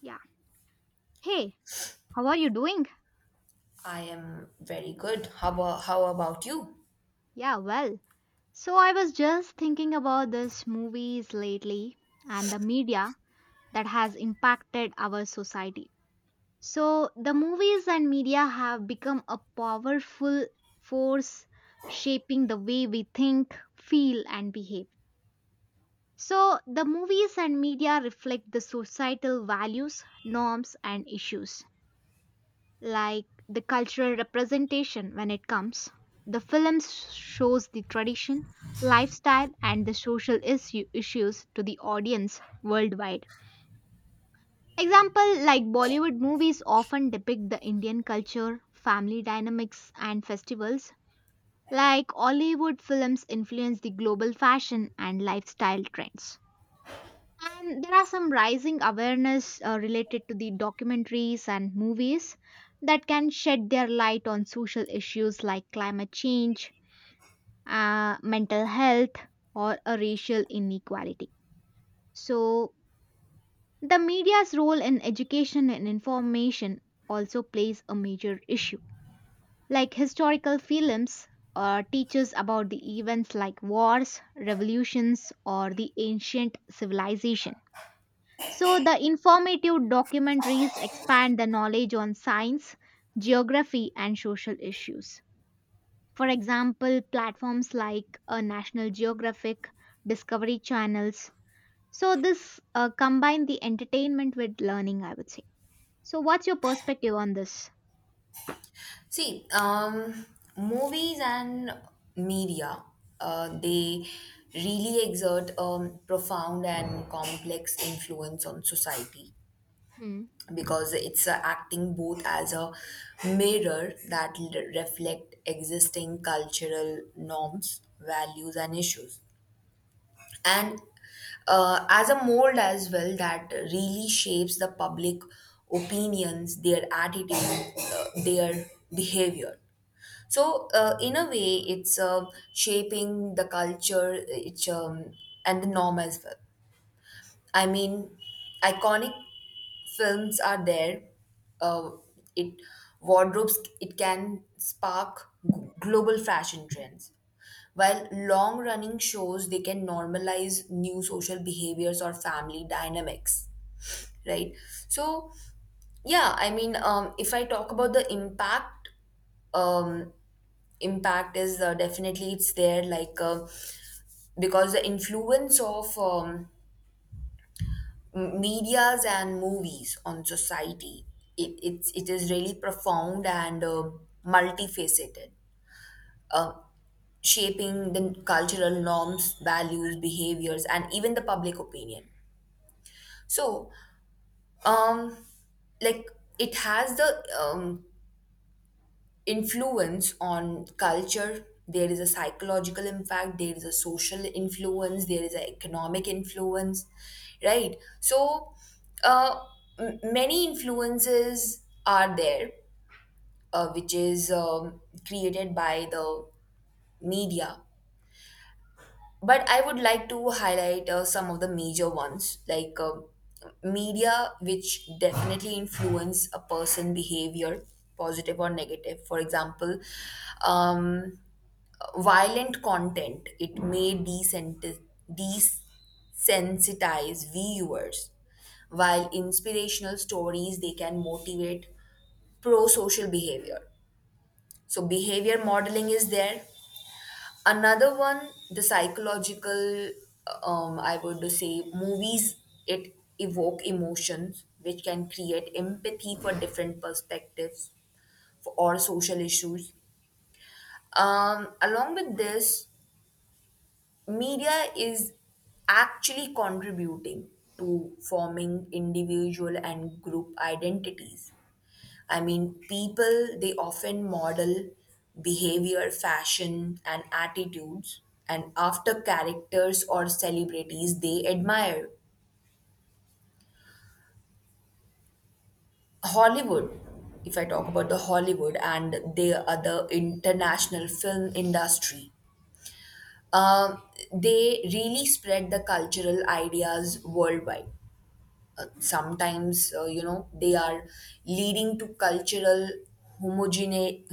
Yeah. Hey, how are you doing? I am very good. How about you? Yeah, well. So I was just thinking about this movies lately and the media that has impacted our society. So the movies and media have become a powerful force shaping the way we think, feel and behave. So the movies and media reflect the societal values, norms and issues, like the cultural representation when it comes. The shows the tradition, lifestyle, and the issues to the audience worldwide. Example, like Bollywood movies often depict the Indian culture, family dynamics, and festivals, like Hollywood films influence the global fashion and lifestyle trends. And there are some rising awareness related to the documentaries and movies that can shed their light on social issues like climate change, mental health, or a racial inequality. So, the media's role in education and information also plays a major issue. Like historical films teaches about the events like wars, revolutions, or the ancient civilization. So, the informative documentaries expand the knowledge on science, geography, and social issues. For example, platforms like National Geographic, Discovery Channels. So, this combine the entertainment with learning, I would say. So, what's your perspective on this? See, um, Movies and media, they really exert a profound and complex influence on society Hmm. because it's acting both as a mirror that reflect existing cultural norms, values, and issues and as a mold as well that really shapes the public opinions, their attitude, their behavior. So in a way it's shaping the culture, it's and the norm as well. I mean, iconic films are there. Uh, it wardrobes, it can spark global fashion trends, while long running shows they can normalize new social behaviors or family dynamics, right? So yeah, I mean, if I talk about the impact, um, impact is definitely it's there, like. Because the influence of medias and movies on society, it is really profound and multifaceted, uh, shaping the cultural norms, values, behaviors, and even the public opinion. So um, like, it has the um, influence on culture, there is a psychological impact, there is a social influence, there is an economic influence, right? So uh, many influences are there, which is created by the media. But I would like to highlight some of the major ones, like, media which definitely influence a person behavior, positive or negative. For example, um, violent content, it may desensitize, viewers, while inspirational stories they can motivate pro-social behavior. So behavior modeling is there. Another one, the psychological, I would say, movies, it evoke emotions which can create empathy for different perspectives, for, or social issues. Along with this, media is actually contributing to forming individual and group identities. I mean, people, they often model behavior, fashion, and attitudes, and after characters or celebrities they admire. Hollywood, if I talk about the Hollywood and the other international film industry, um, they really spread the cultural ideas worldwide. Sometimes they are leading to cultural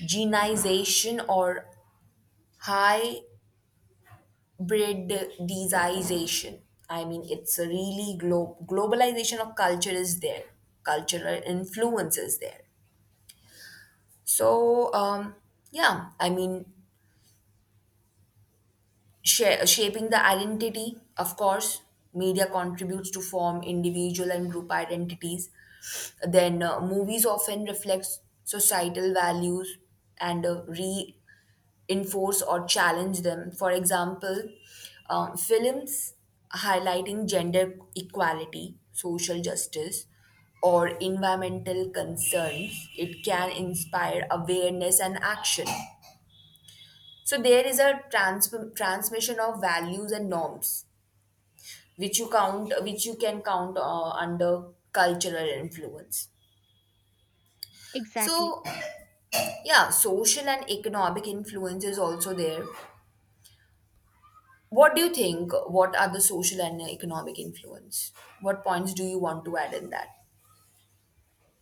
homogenization or hybridization. I mean, it's a really globalization of culture is there, cultural influence is there. So um, yeah, I mean, shaping the identity, of course, media contributes to form individual and group identities. Then movies often reflects societal values and reinforce or challenge them. For example, films highlighting gender equality, social justice, or environmental concerns, it can inspire awareness and action. So there is a transmission of values and norms, which you can count under cultural influence. Exactly. So yeah, social and economic influence is also there. What do you think? What are the social and economic influence? What points do you want to add in that?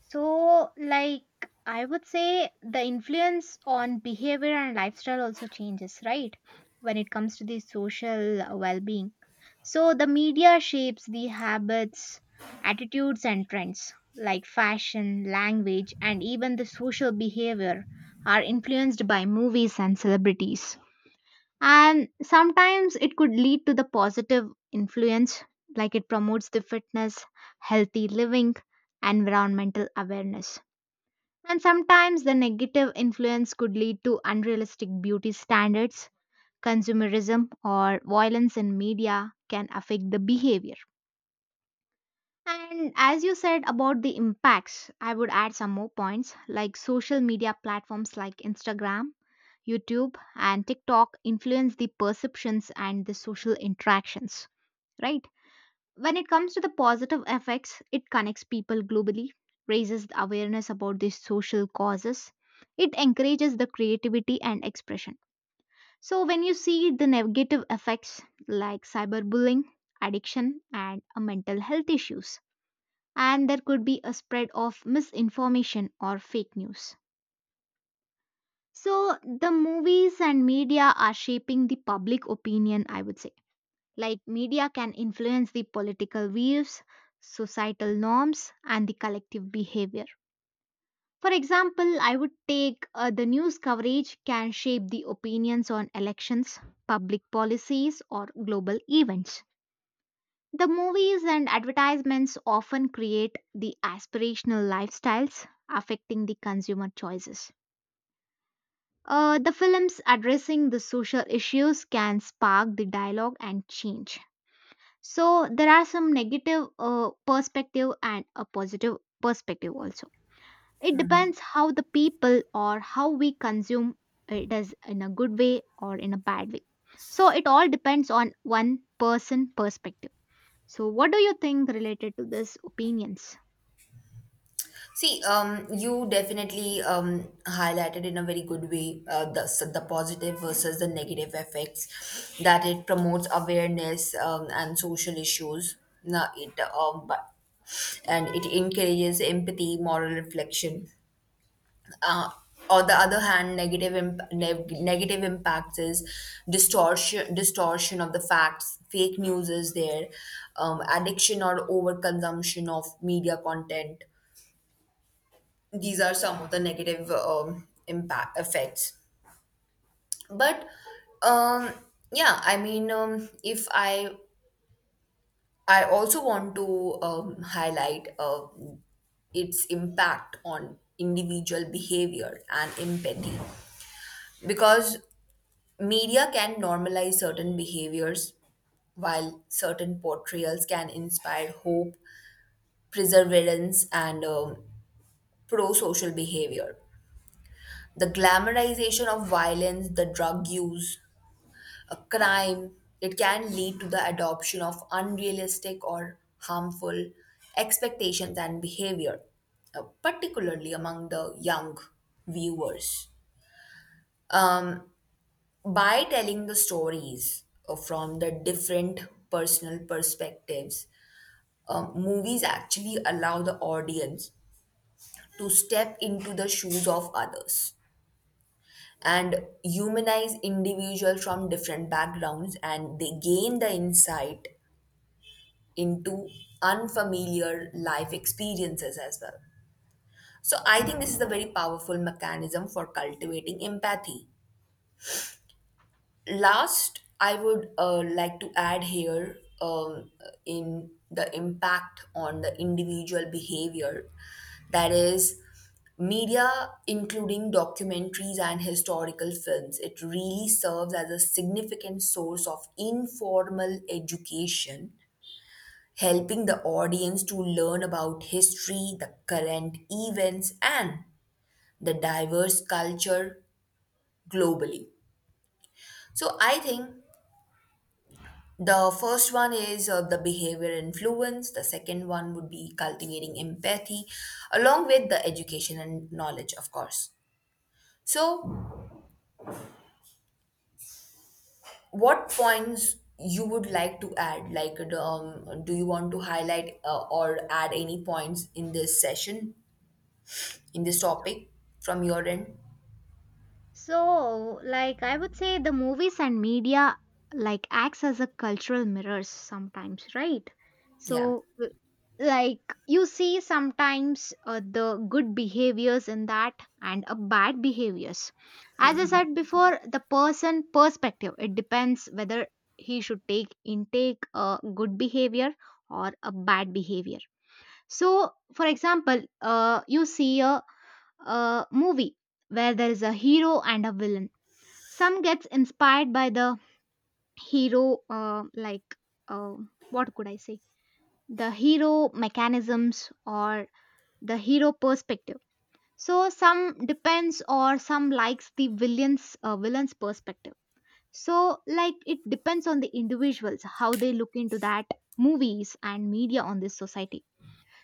So, like, I would say the influence on behavior and lifestyle also changes, right? When it comes to the social well being. So, the media shapes the habits, attitudes, and trends, like fashion, language, and even the social behavior are influenced by movies and celebrities, and sometimes it could lead to the positive influence, like it promotes the fitness, healthy living, environmental awareness. And sometimes the negative influence could lead to unrealistic beauty standards, consumerism, or violence in media can affect the behavior. And as you said about the impacts, I would add some more points, like social media platforms like Instagram, YouTube and TikTok influence the perceptions and the social interactions, right? When it comes to the positive effects, it connects people globally, raises the awareness about these social causes, it encourages the creativity and expression. So, when you see the negative effects like cyberbullying, addiction, and mental health issues, and there could be a spread of misinformation or fake news. So, the movies and media are shaping the public opinion, I would say. Like, media can influence the political views, societal norms, and the collective behavior. For example, I would take the news coverage can shape the opinions on elections, public policies, or global events. The movies and advertisements often create the aspirational lifestyles affecting the consumer choices. The films addressing the social issues can spark the dialogue and change. So there are some negative perspective and a positive perspective also. It depends how the people or how we consume it is in a good way or in a bad way. So it all depends on one person perspective. So what do you think related to this opinions? You definitely highlighted in a very good way, the positive versus the negative effects, that it promotes awareness and social issues. Now it but and it encourages empathy, moral reflection. Uh, on the other hand, negative negative impacts is distortion of the facts. Fake news is there, addiction or overconsumption of media content, these are some of the negative impact effects. But um, yeah, I mean, if I also want to highlight its impact on individual behavior and empathy, because media can normalize certain behaviors, while certain portrayals can inspire hope, perseverance, and pro-social behavior. The glamorization of violence, the drug use, a crime. It can lead to the adoption of unrealistic or harmful expectations and behavior, particularly among the young viewers. Um, by telling the stories from the different personal perspectives, movies actually allow the audience to step into the shoes of others and humanize individuals from different backgrounds, and they gain the insight into unfamiliar life experiences as well. So I think this is a very powerful mechanism for cultivating empathy. Last, I would like to add here in the impact on the individual behavior, that is, media including documentaries and historical films, it really serves as a significant source of informal education, helping the audience to learn about history, the current events, and the diverse culture globally. So I think the first one is the behavior influence, the second one would be cultivating empathy, along with the education and knowledge, of course. So, what points you would like to add? Like, do you want to highlight or add any points in this session, in this topic from your end? So, like, I would say the movies and media like acts as a cultural mirrors sometimes, right? Yeah. So, like, you see sometimes the good behaviors in that and a bad behaviors. As I said before, the person perspective it depends whether he should take intake a good behavior or a bad behavior. So, for example, you see a movie where there is a hero and a villain. Some gets inspired by the hero, uh, what could I say, the hero mechanisms or the hero perspective. So some depends or some likes the villain's perspective. So, like, it depends on the individuals how they look into that movies and media on this society.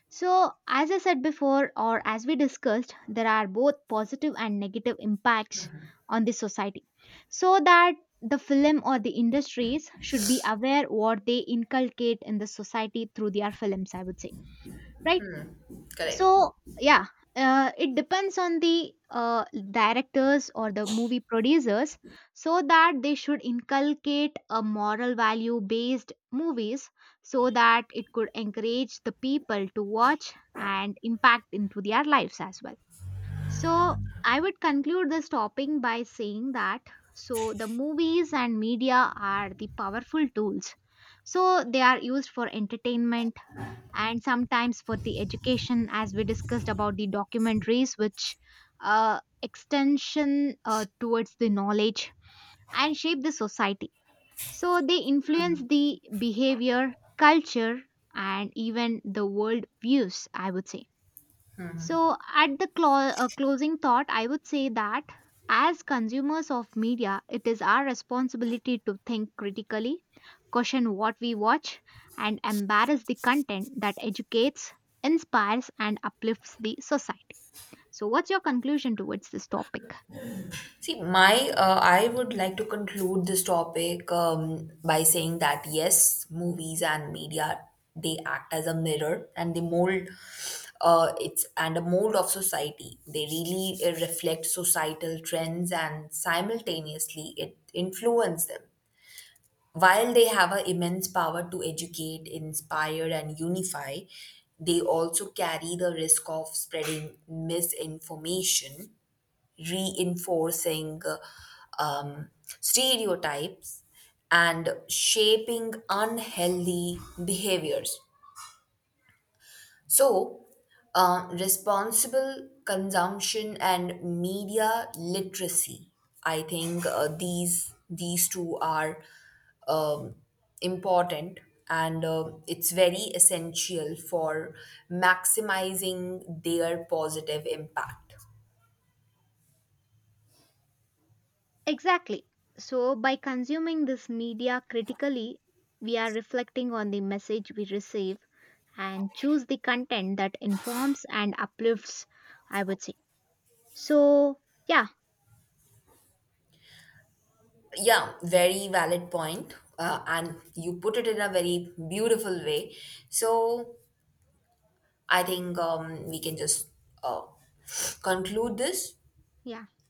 So, as I said before, or as we discussed, there are both positive and negative impacts on the society. So that the film or the industries should be aware what they inculcate in the society through their films, I would say, right? Correct. So, yeah, it depends on the directors or the movie producers, so that they should inculcate a moral value based movies, so that it could encourage the people to watch and impact into their lives as well. So I would conclude this topic by saying that so the movies and media are the powerful tools, so they are used for entertainment and sometimes for the education, as we discussed about the documentaries which extension towards the knowledge and shape the society. So they influence the behavior, culture, and even the world views, I would say. So, at the closing thought, I would say that as consumers of media, it is our responsibility to think critically, question what we watch, and embrace the content that educates, inspires, and uplifts the society. So, what's your conclusion towards this topic? My I would like to conclude this topic by saying that yes, movies and media, they act as a mirror and they mold, it's and a mold of society. They really reflect societal trends and simultaneously it influence them. While they have an immense power to educate, inspire, and unify, they also carry the risk of spreading misinformation, reinforcing um, stereotypes, and shaping unhealthy behaviors. So, responsible consumption and media literacy, I think uh, these two are um, important, and it's very essential for maximizing their positive impact. Exactly. So, by consuming this media critically, we are reflecting on the message we receive and choose the content that informs and uplifts, I would say. So, yeah, Yeah, very valid point. And you put it in a very beautiful way. So I think we can just uh, conclude this. yeah.